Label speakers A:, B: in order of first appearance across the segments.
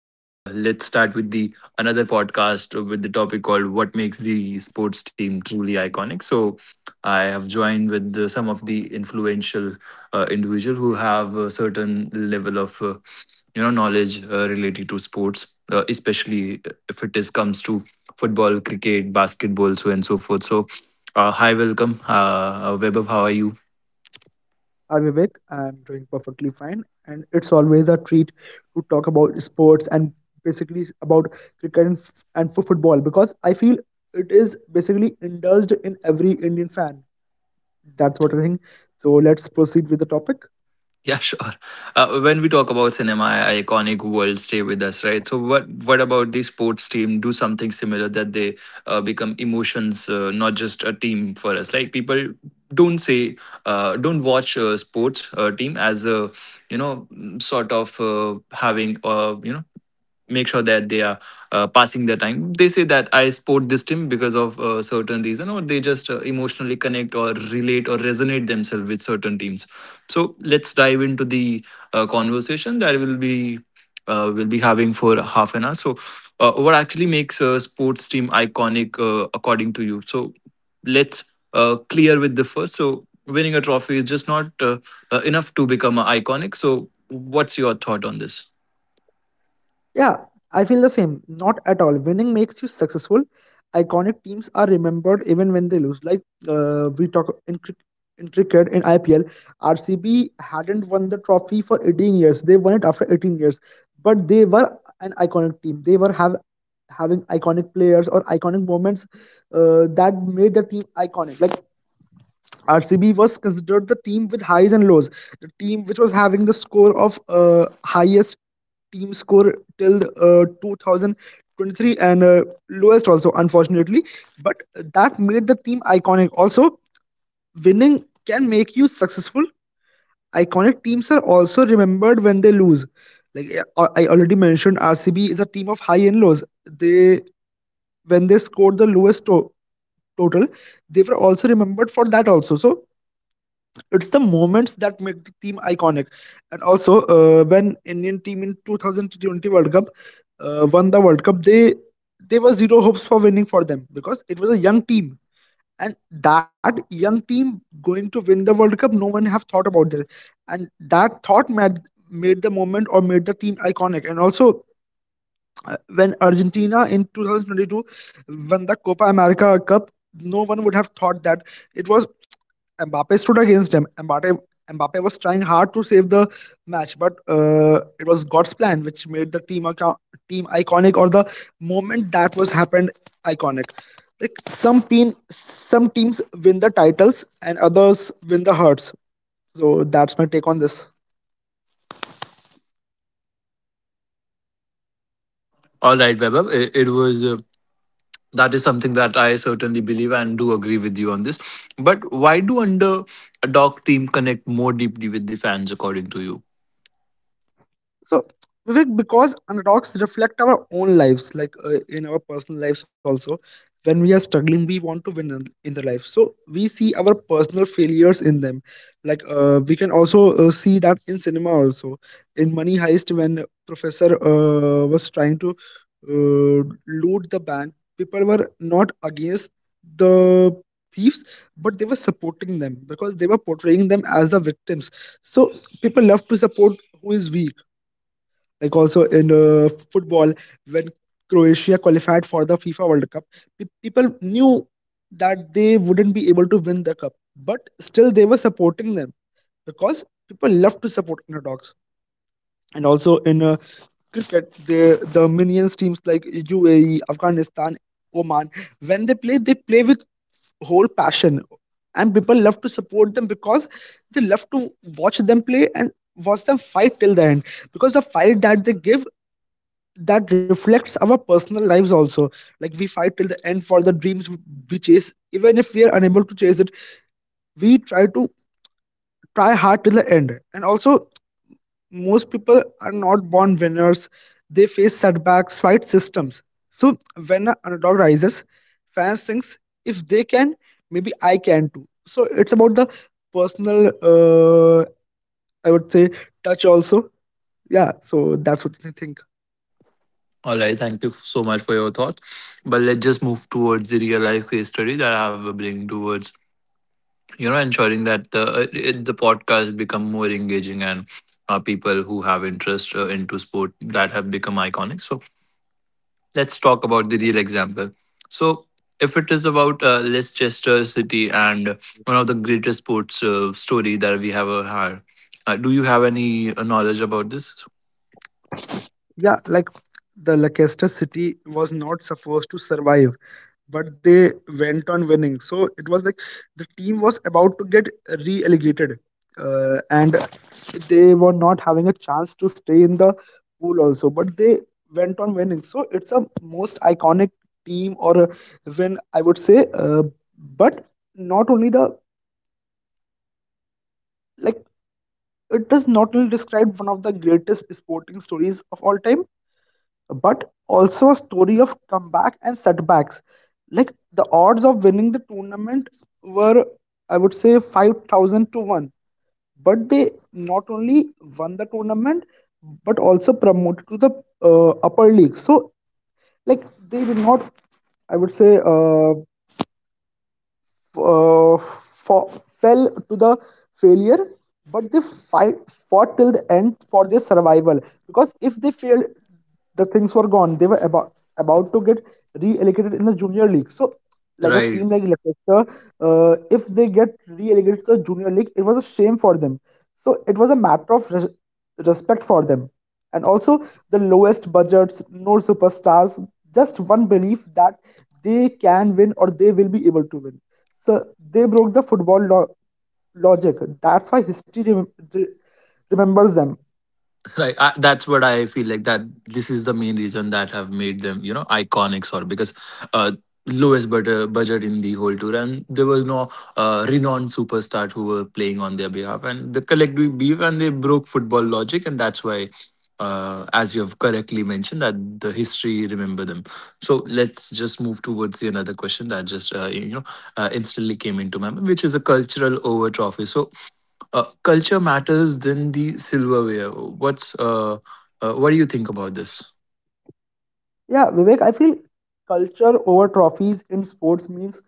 A: Let's start with the another podcast with the topic called "What makes the sports team truly iconic." So, I have joined with some of the influential individual who have a certain level of knowledge related to sports, especially if it is comes to football, cricket, basketball, so and so forth. So, hi, welcome, Webab. How are you?
B: Hi Vivek, I'm doing perfectly fine, and it's always a treat to talk about sports and basically about cricket and for football because I feel it is basically indulged in every Indian fan. That's what I think. So let's proceed with the topic.
A: Yeah, sure. When we talk about cinema, iconic world stay with us, right? So, what about the sports team? Do something similar that they become emotions, not just a team for us. Like people don't say, don't watch a sports team as a sort of having make sure that they are passing their time. They say that I support this team because of a certain reason, or they just emotionally connect or relate or resonate themselves with certain teams. So let's dive into the conversation that will be we'll be having for half an hour. So what actually makes a sports team iconic, according to you? So let's clear with the first. So winning a trophy is just not enough to become iconic. So what's your thought on this?
B: Yeah, I feel the same. Not at all. Winning makes you successful. Iconic teams are remembered even when they lose. Like we talk in, cric- in cricket in IPL, RCB hadn't won the trophy for 18 years. They won it after 18 years, but they were an iconic team. They were have having iconic players or iconic moments that made the team iconic. Like RCB was considered the team with highs and lows, the team which was having the score of highest team score till 2023, and lowest also, unfortunately. But that made the team iconic. Also, winning can make you successful. Iconic teams are also remembered when they lose. Like I already mentioned, RCB is a team of high and lows. They when they scored the lowest total, they were also remembered for that also. So it's the moments that make the team iconic. And also, when Indian team in 2020 World Cup won the World Cup, they there were zero hopes for winning for them because it was a young team, and that young team going to win the World Cup, no one have thought about that, and that thought made the moment or made the team iconic. And also, when Argentina in 2022 won the Copa America Cup, no one would have thought that it was Mbappe stood against him. Mbappe was trying hard to save the match, but it was God's plan which made the team iconic, or the moment that was happened iconic. Like some teams win the titles and others win the hearts. So that's my take on this.
A: All right, Vaibhav. It was that is something that I certainly believe and do agree with you on this. But why do under dog team connect more deeply with the fans, according to you?
B: So, Vivek, because underdogs reflect our own lives, like in our personal lives also, when we are struggling, we want to win in the life. So, we see our personal failures in them. Like, we can also see that in cinema also. In Money Heist, when Professor was trying to uh, loot the bank, people were not against the thieves, but they were supporting them because they were portraying them as the victims. So, people love to support who is weak, like also in football, when Croatia qualified for the FIFA World Cup, people knew that they wouldn't be able to win the cup, but still they were supporting them because people love to support underdogs. And also in cricket, the minions teams like UAE, Afghanistan, Oman, when they play with whole passion, and people love to support them because they love to watch them play and watch them fight till the end, because the fight that they give, that reflects our personal lives also. Like we fight till the end for the dreams we chase. Even if we are unable to chase it, we try to try hard till the end. And also, most people are not born winners. They face setbacks, fight systems. So when an underdog rises, fans thinks if they can, maybe I can too. So it's about the personal I would say touch also. Yeah, so that's what I think.
A: All right, thank you so much for your thoughts. But let's just move towards the real life case study that I have bring towards, you know, ensuring that the podcast become more engaging, and people who have interest into sport that have become iconic. So let's talk about the real example. So, if it is about Leicester City and one of the greatest sports story that we have had, do you have any knowledge about this?
B: Yeah, like the Leicester City was not supposed to survive, but they went on winning. So it was like the team was about to get re-relegated, and they were not having a chance to stay in the pool also. But they went on winning. So it's a most iconic team or a win, I would say. But not only the, like, it does not only describe one of the greatest sporting stories of all time, but also a story of comeback and setbacks. Like the odds of winning the tournament were, I would say, 5,000 to 1. But they not only won the tournament, but also promoted to the upper league. So, like, they did not, I would say, fell to the failure, but they fight fought till the end for their survival. Because if they failed, the things were gone. They were about to get re-allocated in the junior league. So, like a
A: Right.
B: team like Leicester, if they get re-allocated to the junior league, it was a shame for them. So it was a matter of respect for them, and also the lowest budgets, no superstars, just one belief that they can win or they will be able to win. So they broke the logic, that's why history remembers them.
A: Right. I, that's what I feel like, that this is the main reason that have made them, you know, iconic sort of, because uh lowest but, budget in the whole tour, and there was no renowned superstar who were playing on their behalf, and the collective beef, and they broke football logic, and that's why as you have correctly mentioned, that the history remember them. So let's just move towards the another question that just instantly came into my mind, which is a cultural over trophy. So culture matters than the silverware. What do you think about this?
B: Yeah, Vivek, I feel culture over trophies in sports means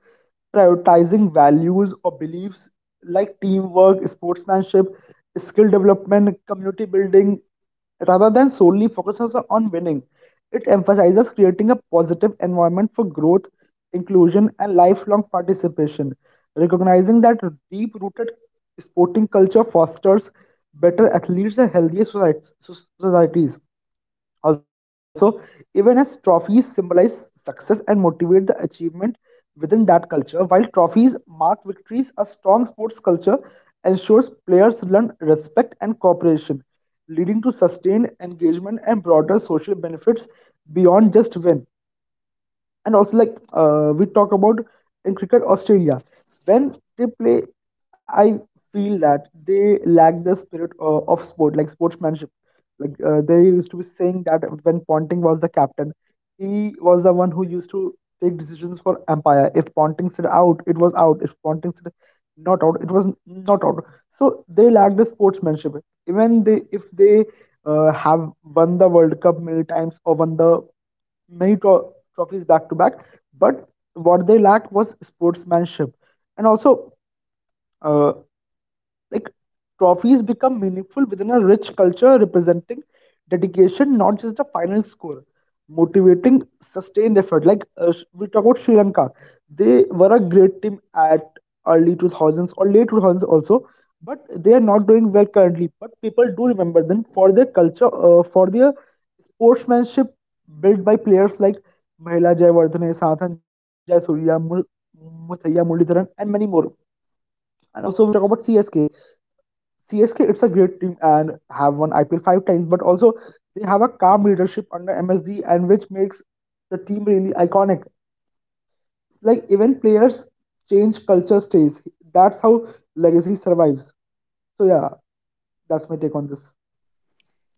B: prioritizing values or beliefs like teamwork, sportsmanship, skill development, community building, rather than solely focuses on winning. It emphasizes creating a positive environment for growth, inclusion, and lifelong participation, recognizing that deep rooted sporting culture fosters better athletes and healthier societies. Also, even as trophies symbolize success and motivate the achievement within that culture, while trophies mark victories, a strong sports culture ensures players learn respect and cooperation, leading to sustained engagement and broader social benefits beyond just win. And also, like, we talk about in cricket Australia, when they play, I feel that they lack the spirit of sport, like sportsmanship. Like, they used to be saying that when Ponting was the captain, he was the one who used to take decisions for Empire. If Ponting said out, it was out. If Ponting said not out, it was not out. So they lacked the sportsmanship. Even they if they have won the World Cup many times, or won the many trophies back to back, but what they lacked was sportsmanship. And also, uh, like, trophies become meaningful within a rich culture, representing dedication, not just the final score. Motivating sustained effort. Like, we talk about Sri Lanka, they were a great team at early 2000s or late 2000s also, but they are not doing well currently. But people do remember them for their culture, for their sportsmanship built by players like Mahila Jayawardene, Sathan Jayasurya, Muthaiya Muralidharan, and many more. And also we talk about CSK. CSK, it's a great team and have won IPL 5 times, but also they have a calm leadership under MSD, and which makes the team really iconic. It's like even players change, culture stays. That's how legacy survives. So yeah, that's my take on this.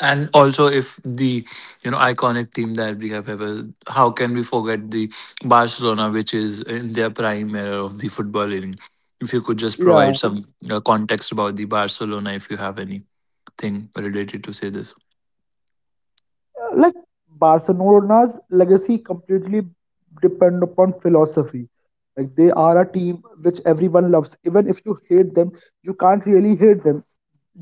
A: And also, if the, you know, iconic team that we have ever, how can we forget the Barcelona, which is in their prime era of the footballing? If you could just provide
B: Yeah,
A: some context about the Barcelona, if you have anything related to say this.
B: like Barcelona's legacy completely depend upon philosophy. Like they are a team which everyone loves. Even if you hate them, you can't really hate them.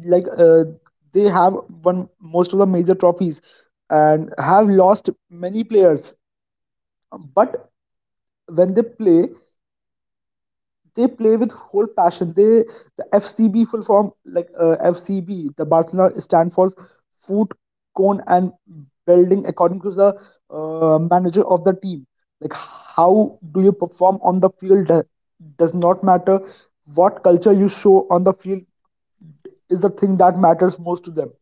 B: Like they have won most of the major trophies and have lost many players, but when they play with whole passion. The FCB, the Barcelona, stand for food, cone, and building, according to the manager of the team. Like how do you perform on the field does not matter. What culture you show on the field is the thing that matters most to them.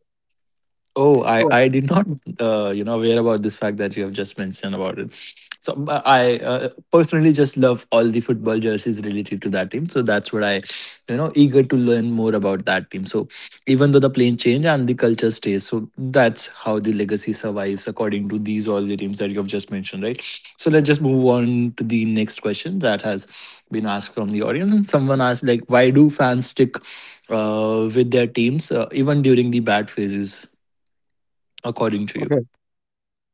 A: Oh, I did not aware about this fact that you have just mentioned about it. So but I personally just love all the football jerseys related to that team. So that's what I, you know, eager to learn more about that team. So even though the plane change and the culture stays, so that's how the legacy survives, according to these all the teams that you have just mentioned, right? So let's just move on to the next question that has been asked from the audience. And someone asked like, why do fans stick with their teams even during the bad phases, according to you?
B: So,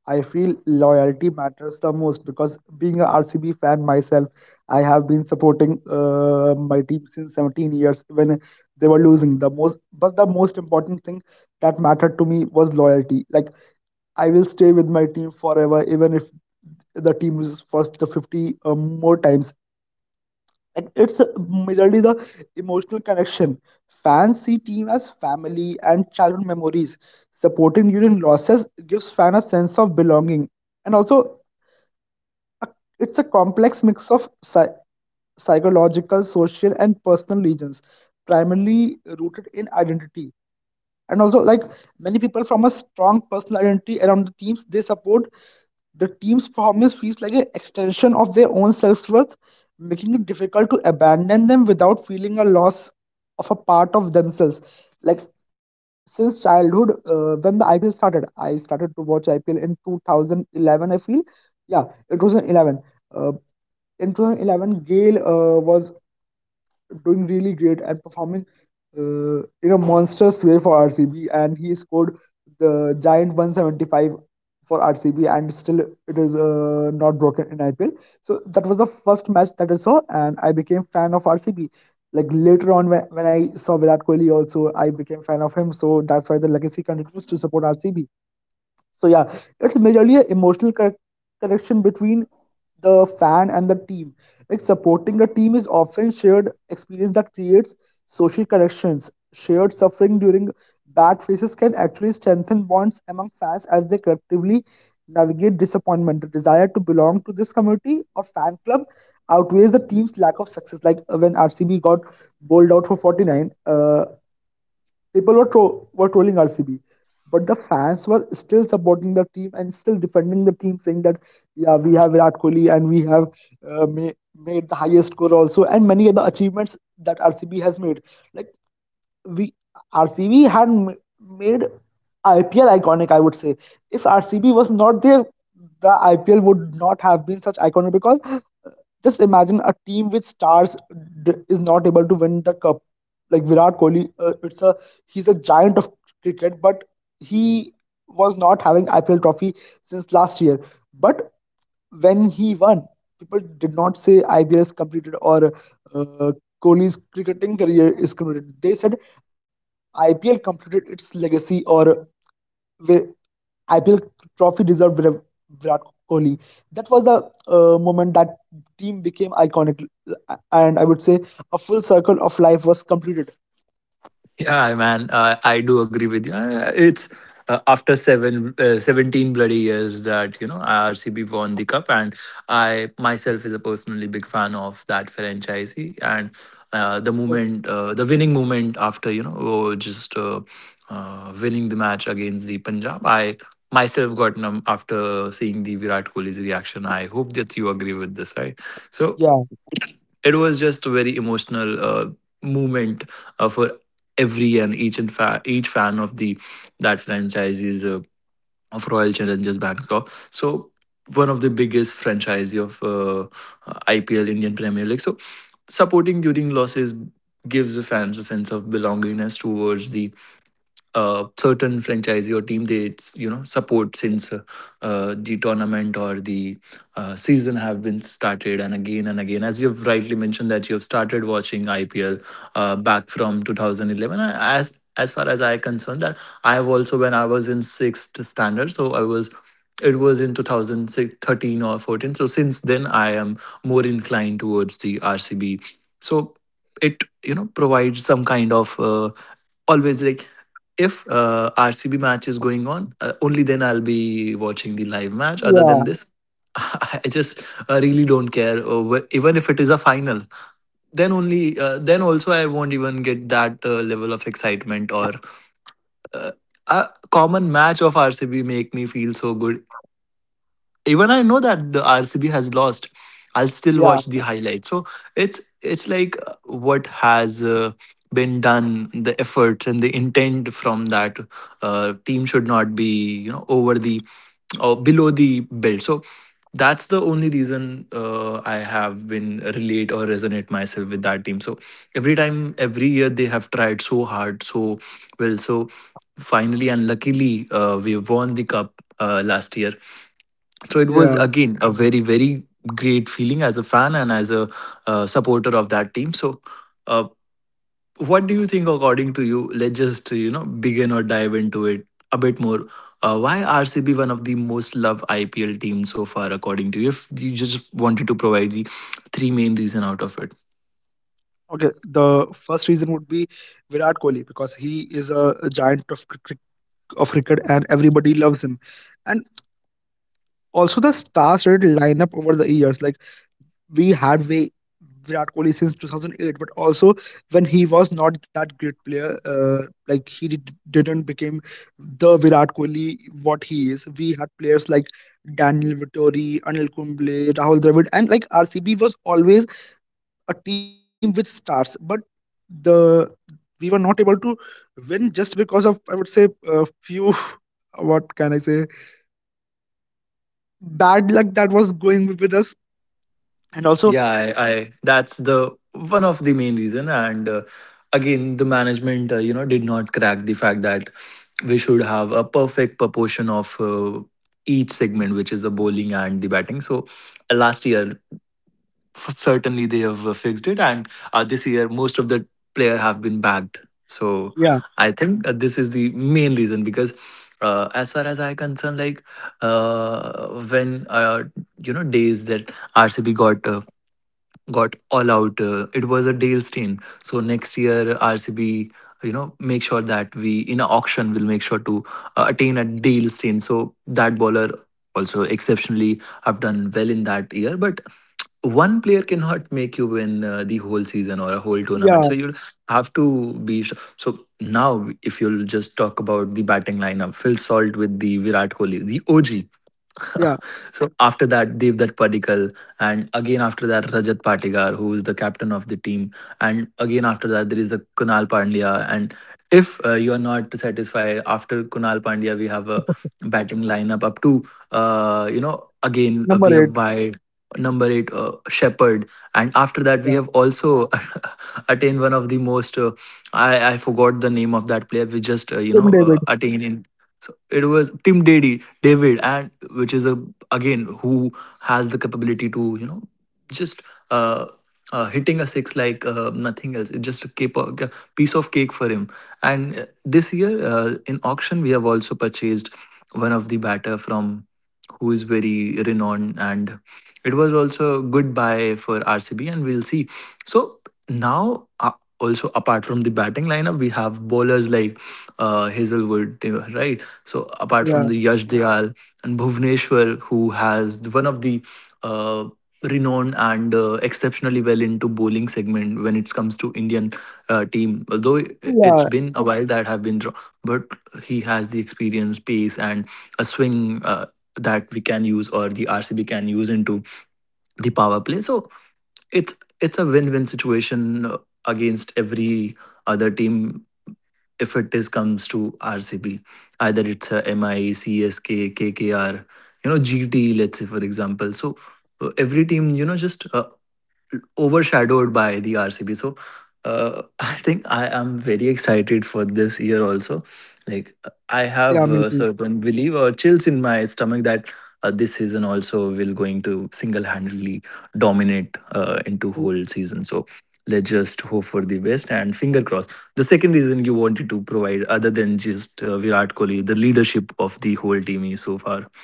B: I feel loyalty matters the most because being a RCB fan myself, I have been supporting my team since 17 years when they were losing the most, but the most important thing that mattered to me was loyalty. Like I will stay with my team forever, even if the team loses for the 50 more times. And it's majorly the emotional connection. Fans see team as family and childhood memories. Supporting during losses gives fan a sense of belonging, and also a, it's a complex mix of psychological, social, and personal legends, primarily rooted in identity. And also, like, many people from a strong personal identity around the teams they support. The team's performance feels like an extension of their own self-worth, making it difficult to abandon them without feeling a loss of a part of themselves. Like since childhood, when the IPL started, I started to watch IPL in 2011, I feel. Yeah, it was in 11, uh, in 2011 Gale was doing really great and performing in a monstrous way for RCB. And he scored the giant 175 for RCB, and still it is not broken in IPL. So that was the first match that I saw, and I became fan of RCB. Like later on, when I saw Virat Kohli, also I became fan of him. So that's why the legacy continues to support RCB. So yeah, it's majorly an emotional connection between the fan and the team. Like supporting a team is often shared experience that creates social connections. Shared suffering during bad phases can actually strengthen bonds among fans as they collectively navigate disappointment. The desire to belong to this community or fan club outweighs the team's lack of success. When RCB got bowled out for 49, people were trolling RCB, but the fans were still supporting the team and still defending the team, saying that yeah, we have Virat Kohli and we have made the highest score also, and many other achievements that RCB has made. Like we RCB had made IPL iconic, I would say. If RCB was not there, the IPL would not have been such iconic because just imagine a team with stars is not able to win the cup. Like Virat Kohli, it's a he's a giant of cricket, but he was not having IPL trophy since last year. But when he won, people did not say IPL is completed or uh, Kohli's cricketing career is completed. They said IPL completed its legacy or the IPL trophy deserved Virat Kohli. That was the moment that team became iconic. And I would say a full circle of life was completed.
A: Yeah, man, I do agree with you. It's after 17 bloody years that, you know, RCB won the cup. And I myself is a personally big fan of that franchisee. And
B: So,
A: the winning moment after, you know oh, just winning the match against the Punjab, I myself got numb after seeing the Virat Kohli's reaction. I hope that you agree with this, right? So
B: yeah,
A: it was just a very emotional moment for every and each fan of the that franchise is of Royal Challengers Bangalore. So one of the biggest franchise of IPL, Indian Premier League. So supporting during losses gives the fans a sense of belongingness towards the certain franchisee or team they support since the tournament or the season have been started. And again and again, as you've rightly mentioned that you've started watching IPL back from 2011. As far as I concerned, that I have also, when I was in sixth standard, so I was, it was in 2013 or 14. So since then I am more inclined towards the RCB. So it, you know, provides some kind of always like, if RCB match is going on, only then I'll be watching the live match. Other
B: yeah,
A: than this, I just really don't care. Even if it is a final, then only then also I won't even get that level of excitement or uh, a common match of RCB make me feel so good. Even I know that the RCB has lost, I'll still
B: yeah,
A: watch the highlight. So it's like what has been done, the efforts and the intent from that team should not be, you know, over the or below the belt. So that's the only reason I have been relate or resonate myself with that team. So every time, every year they have tried so hard, so well. So finally and luckily, we won the cup last year. So it was
B: yeah.
A: again a very very great feeling as a fan and as a supporter of that team. So uh, what do you think, according to you? Let's just, you know, begin or dive into it a bit more, why RCB one of the most loved IPL teams so far, according to you, if you just wanted to provide the three main reason out of it?
B: Okay, the first reason would be Virat Kohli because he is a giant of cricket, and everybody loves him. And also the star-studded lineup over the years. Like we had way Virat Kohli since 2008, but also when he was not that great player, like he didn't become the Virat Kohli what he is. We had players like Daniel Vittori, Anil Kumble, Rahul Dravid, and like RCB was always a team with stars, but the we were not able to win just because of, I would say, a few what can I say, bad luck that was going with us, and also
A: I, that's the one of the main reason. And again, the management you know did not crack the fact that we should have a perfect proportion of each segment, which is the bowling and the batting. So last year, certainly they have fixed it, and this year most of the player have been bagged. So
B: yeah,
A: I think this is the main reason because. As far as I concern, like when you know days that RCB got all out. It was a Dale Steyn. So next year, RCB, you know, make sure that we in an auction will make sure to attain a Dale Steyn. So that bowler also exceptionally have done well in that year. But one player cannot make you win the whole season or a whole tournament. So
B: yeah,
A: you have to be. So now, if you'll just talk about the batting lineup, Phil Salt with the Virat Kohli, the OG.
B: yeah,
A: So after that Devdutt Padikkal, and again after that Rajat Patigar, who is the captain of the team, and again after that there is a Kunal Pandya. And if you are not satisfied after Kunal Pandya, we have a batting lineup up to you know again we
B: number
A: have
B: eight.
A: by number 8, Shepherd, and after that we
B: Yeah,
A: have also attained one of the most I forgot the name of that player we just
B: Kim David.
A: attained in. So it was Tim Deddy David, and which is a again who has the capability to, you know, just uh, hitting a six like nothing else. It's just a cake, a piece of cake for him. And this year in auction, we have also purchased one of the batter from who is very renowned, and it was also a good buy for RCB, and we'll see. So now. Also, apart from the batting lineup, we have bowlers like Hazelwood, right? So apart from
B: Yeah,
A: the Yash Dayal and Bhuvneshwar, who has one of the uh, renowned and exceptionally well into bowling segment when it comes to Indian team, although it's
B: yeah,
A: been a while that have been, but he has the experience, pace, and a swing that we can use or the RCB can use into the power play. So it's a win-win situation against every other team if it is comes to RCB. Either it's a MI, CSK, KKR, you know, GT, let's say, for example. So every team, you know, just overshadowed by the RCB. So I think I am very excited for this year also. Like I have
B: yeah, me
A: a
B: too.
A: certain belief or chills in my stomach that this season also will going to single-handedly dominate into whole season. So let's just hope for the best and finger crossed. The second reason you wanted to provide, other than just Virat Kohli, the leadership of the whole team is so far.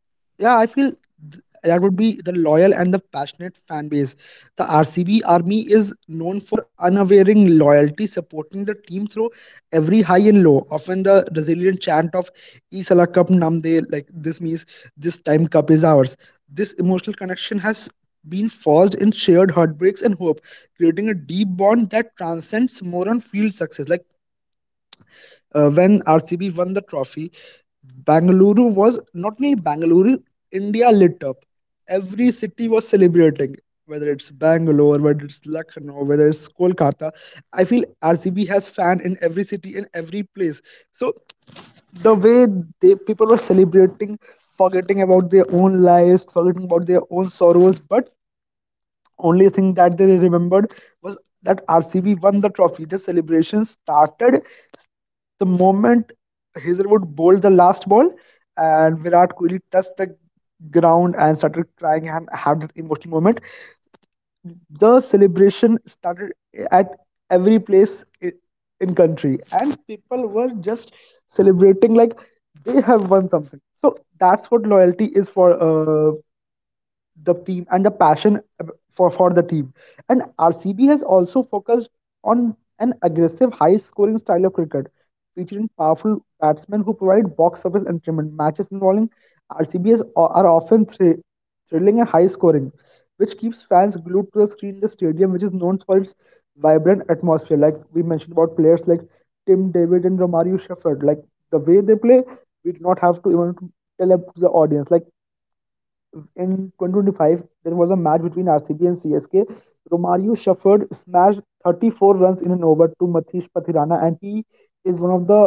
B: Yeah, I feel that would be the loyal and the passionate fan base. The RCB army is known for unwavering loyalty, supporting the team through every high and low. Often the resilient chant of Isala Cup Namde, like this means this time cup is ours. This emotional connection has been forged in shared heartbreaks and hope, creating a deep bond that transcends more on field success. When RCB won the trophy, Bangalore was not only Bangalore, India lit up. Every city was celebrating, whether it's Bangalore, whether it's Lucknow, whether it's Kolkata. I feel RCB has fan in every city, in every place. So the way they people were celebrating, forgetting about their own lives, forgetting about their own sorrows, but only thing that they remembered was that RCB won the trophy. The celebration started the moment Hazelwood bowled the last ball, and Virat Kohli touched the ground and started crying and had that emotional moment. The celebration started at every place in country, and people were just celebrating like they have won something. So that's what loyalty is for. The team and the passion for the team. And RCB has also focused on an aggressive, high scoring style of cricket, featuring powerful batsmen who provide box office entertainment. Matches involving RCB are often thrilling and high scoring, which keeps fans glued to the screen in the stadium, which is known for its vibrant atmosphere. Like we mentioned about players like Tim David and Romario Shepherd, like the way they play, we do not have to even tell up to the audience. Like in 2025, there was a match between RCB and CSK. Romario Shufford smashed 34 runs in an over to Mathish Pathirana, and he is one of the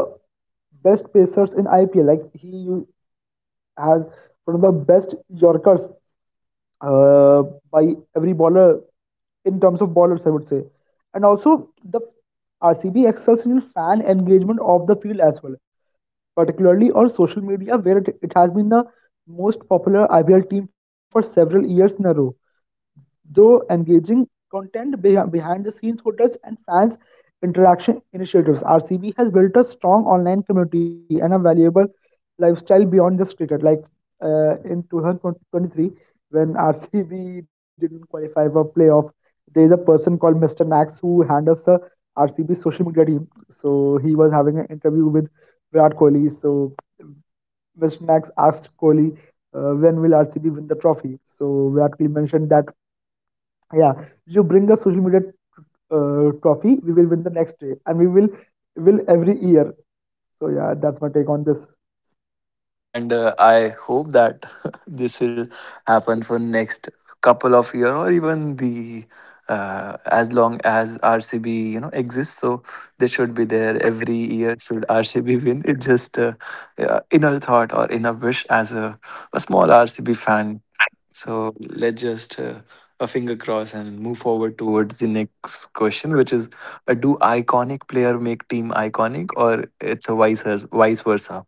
B: best pacers in IPL. Like has one of the best Yorkers uh, by every bowler in terms of bowlers, I would say. And also, the RCB excels in fan engagement of the field as well, particularly on social media, where it has been the most popular IPL team for several years in a row, though engaging content, behind the scenes footage, and fans interaction initiatives. RCB has built a strong online community and a valuable lifestyle beyond just cricket. In 2023, when RCB didn't qualify for playoff, there is a person called Mr. Nax who handles the RCB social media team. So he was having an interview with Virat Kohli. So Mr. Nax asked Kohli, when will RCB win the trophy? So Virat Kohli mentioned that yeah, you bring a social media trophy, we will win the next day and we will every year. So yeah, that's my take on this.
A: And I hope that this will happen for next couple of year, or even the as long as RCB, you know, exists. So they should be there every year should RCB win it. Just inner thought or inner wish as a small RCB fan. So let's just a finger cross and move forward towards the next question, which is do iconic player make team iconic, or it's a vice versa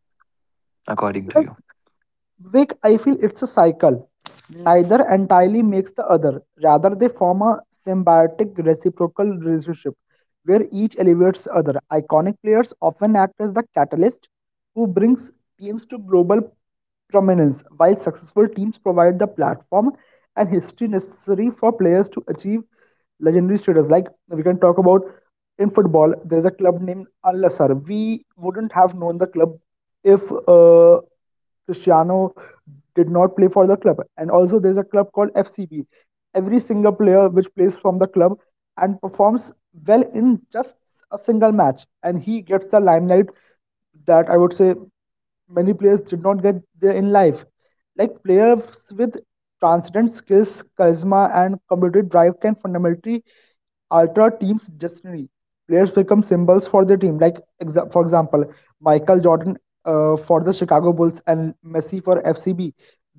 A: according to
B: like
A: you?
B: Vivek, I feel it's a cycle. Neither entirely makes the other, rather they form a symbiotic reciprocal relationship where each elevates the other. Iconic players often act as the catalyst who brings teams to global prominence, while successful teams provide the platform and history necessary for players to achieve legendary status. Like we can talk about, in football, there's a club named Al Nassr. We wouldn't have known the club if Cristiano did not play for the club. And also, there's a club called FCB. Every single player which plays from the club and performs well in just a single match, and he gets the limelight that I would say many players did not get there in life. Like players with transcendent skills, charisma, and competitive drive can fundamentally alter teams' destiny. Players become symbols for their team. Like for example, Michael Jordan for the Chicago Bulls and Messi for FCB.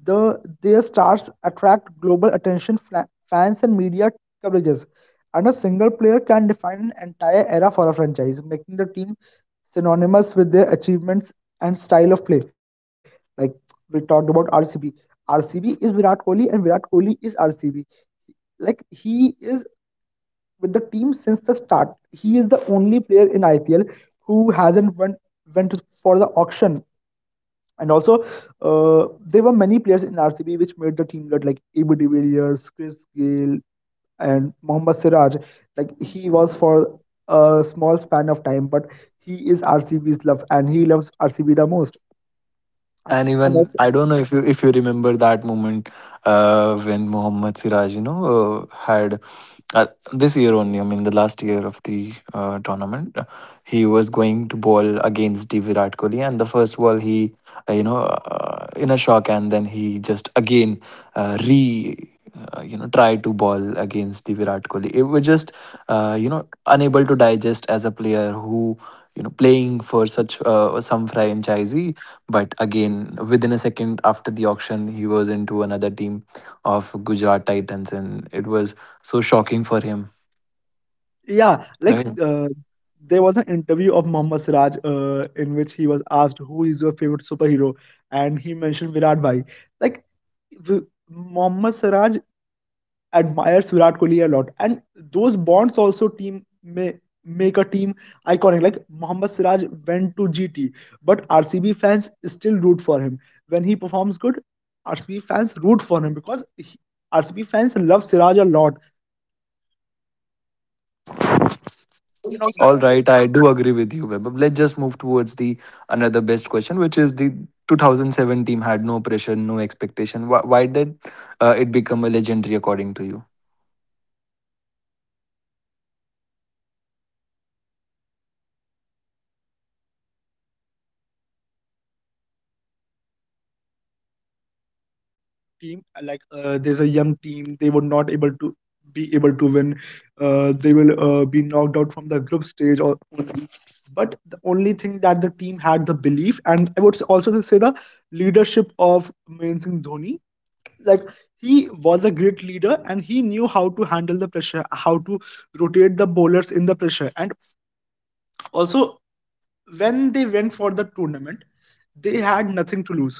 B: Their stars attract global attention, fans, and media coverages. And a single player can define an entire era for a franchise, making the team synonymous with their achievements and style of play. Like we talked about RCB. RCB is Virat Kohli and Virat Kohli is RCB. Like he is with the team since the start. He is the only player in IPL who hasn't went for the auction. And also, uh, there were many players in RCB which made the team good, like AB de Villiers, Chris Gale, and Mohammad Siraj. Like he was for a small span of time, but he is RCB's love and he loves RCB the most.
A: And
B: And
A: even I don't know if you remember that moment when Mohammad Siraj, you know, had uh, this year only. I mean, the last year of the tournament, he was going to ball against the Virat Kohli, and the first ball he, you know, in a shock, and then he just again re. You know, try to ball against the Virat Kohli. It was just, you know, unable to digest as a player who, you know, playing for such some franchisee. But again, within a second after the auction, he was into another team of Gujarat Titans, and it was so shocking for him,
B: yeah,
A: right? Mhm.
B: there was an interview of Mohammad Siraj in which he was asked who is your favorite superhero, and he mentioned Virat Bhai. Like v- Mohammad Siraj admires Virat Kohli a lot, and those bonds also team may make a team iconic. Like Mohammad Siraj went to GT, but RCB fans still root for him when he performs good. RCB fans root for him because RCB fans love Siraj a lot, and
A: All right, I do agree with you, Webab. Let's just move towards the another best question, which is the 2007 team had no pressure, no expectation. Why, why did it become a legendary according to you?
B: team there's a young team. They were not able to be able to win, they will be knocked out from the group stage or only, but the only thing that the team had, the belief, and I would also say the leadership of main singh Dhoni. Like he was a great leader and he knew how to handle the pressure, how to rotate the bowlers in the pressure. And also, when they went for the tournament, they had nothing to lose.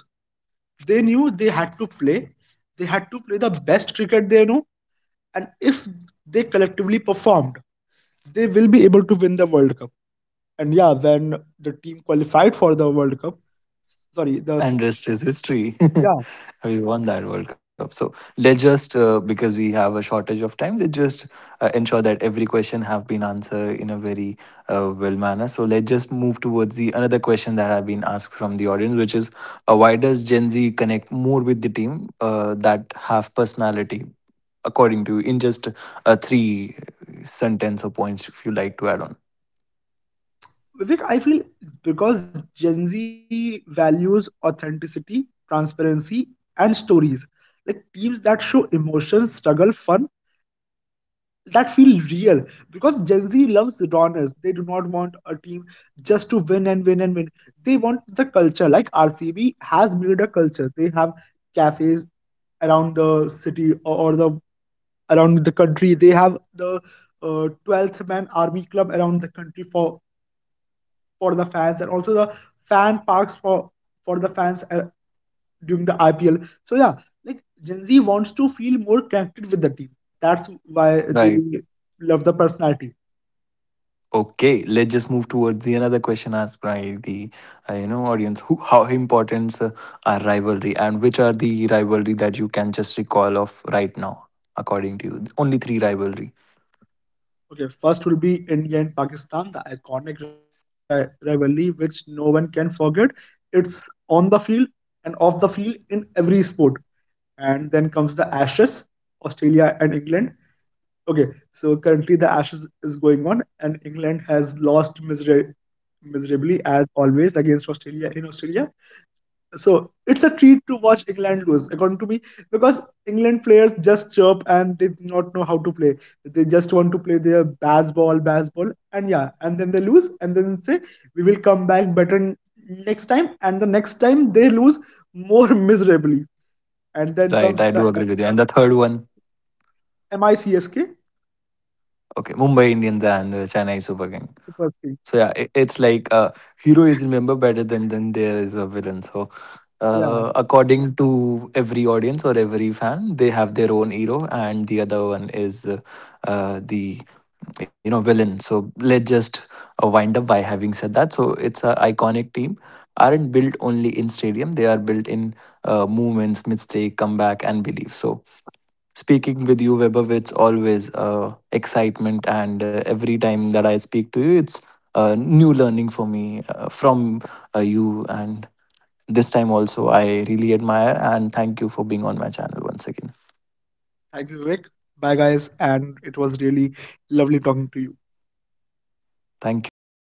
B: They knew they had to play, they had to play the best cricket they know, and if they collectively performed, they will be able to win the World Cup. And yeah, when the team qualified for the World Cup, sorry, the
A: And rest is history.
B: yeah,
A: We won that World Cup. So let's just because we have a shortage of time, let's just ensure that every question have been answered in a very well manner. So let's just move towards the another question that have been asked from the audience, which is why does Gen Z connect more with the team that have personality, according to you, in just 3 sentence or points, if you like to add on.
B: Vivek, I feel because Gen Z values authenticity, transparency, and stories. Like teams that show emotion, struggle, fun, that feel real because Gen Z loves rawness. They do not want a team just to win and win and win. They want the culture. Like RCB has made a culture. They have cafes around the city or the around the country. They have the 12th man army club around the country for the fans, and also the fan parks for the fans during the IPL. So yeah, like Gen Z wants to feel more connected with the team. That's why they
A: Right.
B: love the personality.
A: Okay, let's just move towards the another question asked by the you know audience. Who, how important are rivalry, and which are the rivalry that you can just recall of right now, according to you? Only three rivalry,
B: Okay, first will be India and Pakistan, the iconic rivalry which no one can forget. It's on the field and off the field in every sport. And then comes the Ashes, Australia and England. Okay, so currently the Ashes is going on, and England has lost miserably as always against Australia in Australia. So it's a treat to watch England lose, according to me, because England players just chirp and they do not know how to play. They just want to play their baseball, baseball, and yeah, and then they lose, and then say we will come back better next time, and the next time they lose more miserably, and then
A: right?
B: comes
A: I
B: the
A: do agree with you. And the third one,
B: MICSK
A: okay, Mumbai Indians and Chennai Super King.
B: Super Six.
A: So yeah, it's like hero is remembered better than there is a villain. So
B: Yeah,
A: according to every audience or every fan, they have their own hero, and the other one is the, you know, villain. So let's just wind up by having said that. So it's an iconic team aren't built only in stadium, they are built in movements, mistake, comeback, and belief. So speaking with you, Webber, it's always excitement, and every time that I speak to you it's new learning for me from you. And this time also I really admire and thank you for being on my channel once again.
B: thank you, Vivek. Bye, guys, and it was really lovely talking to you.
A: Thank you. Bye bye.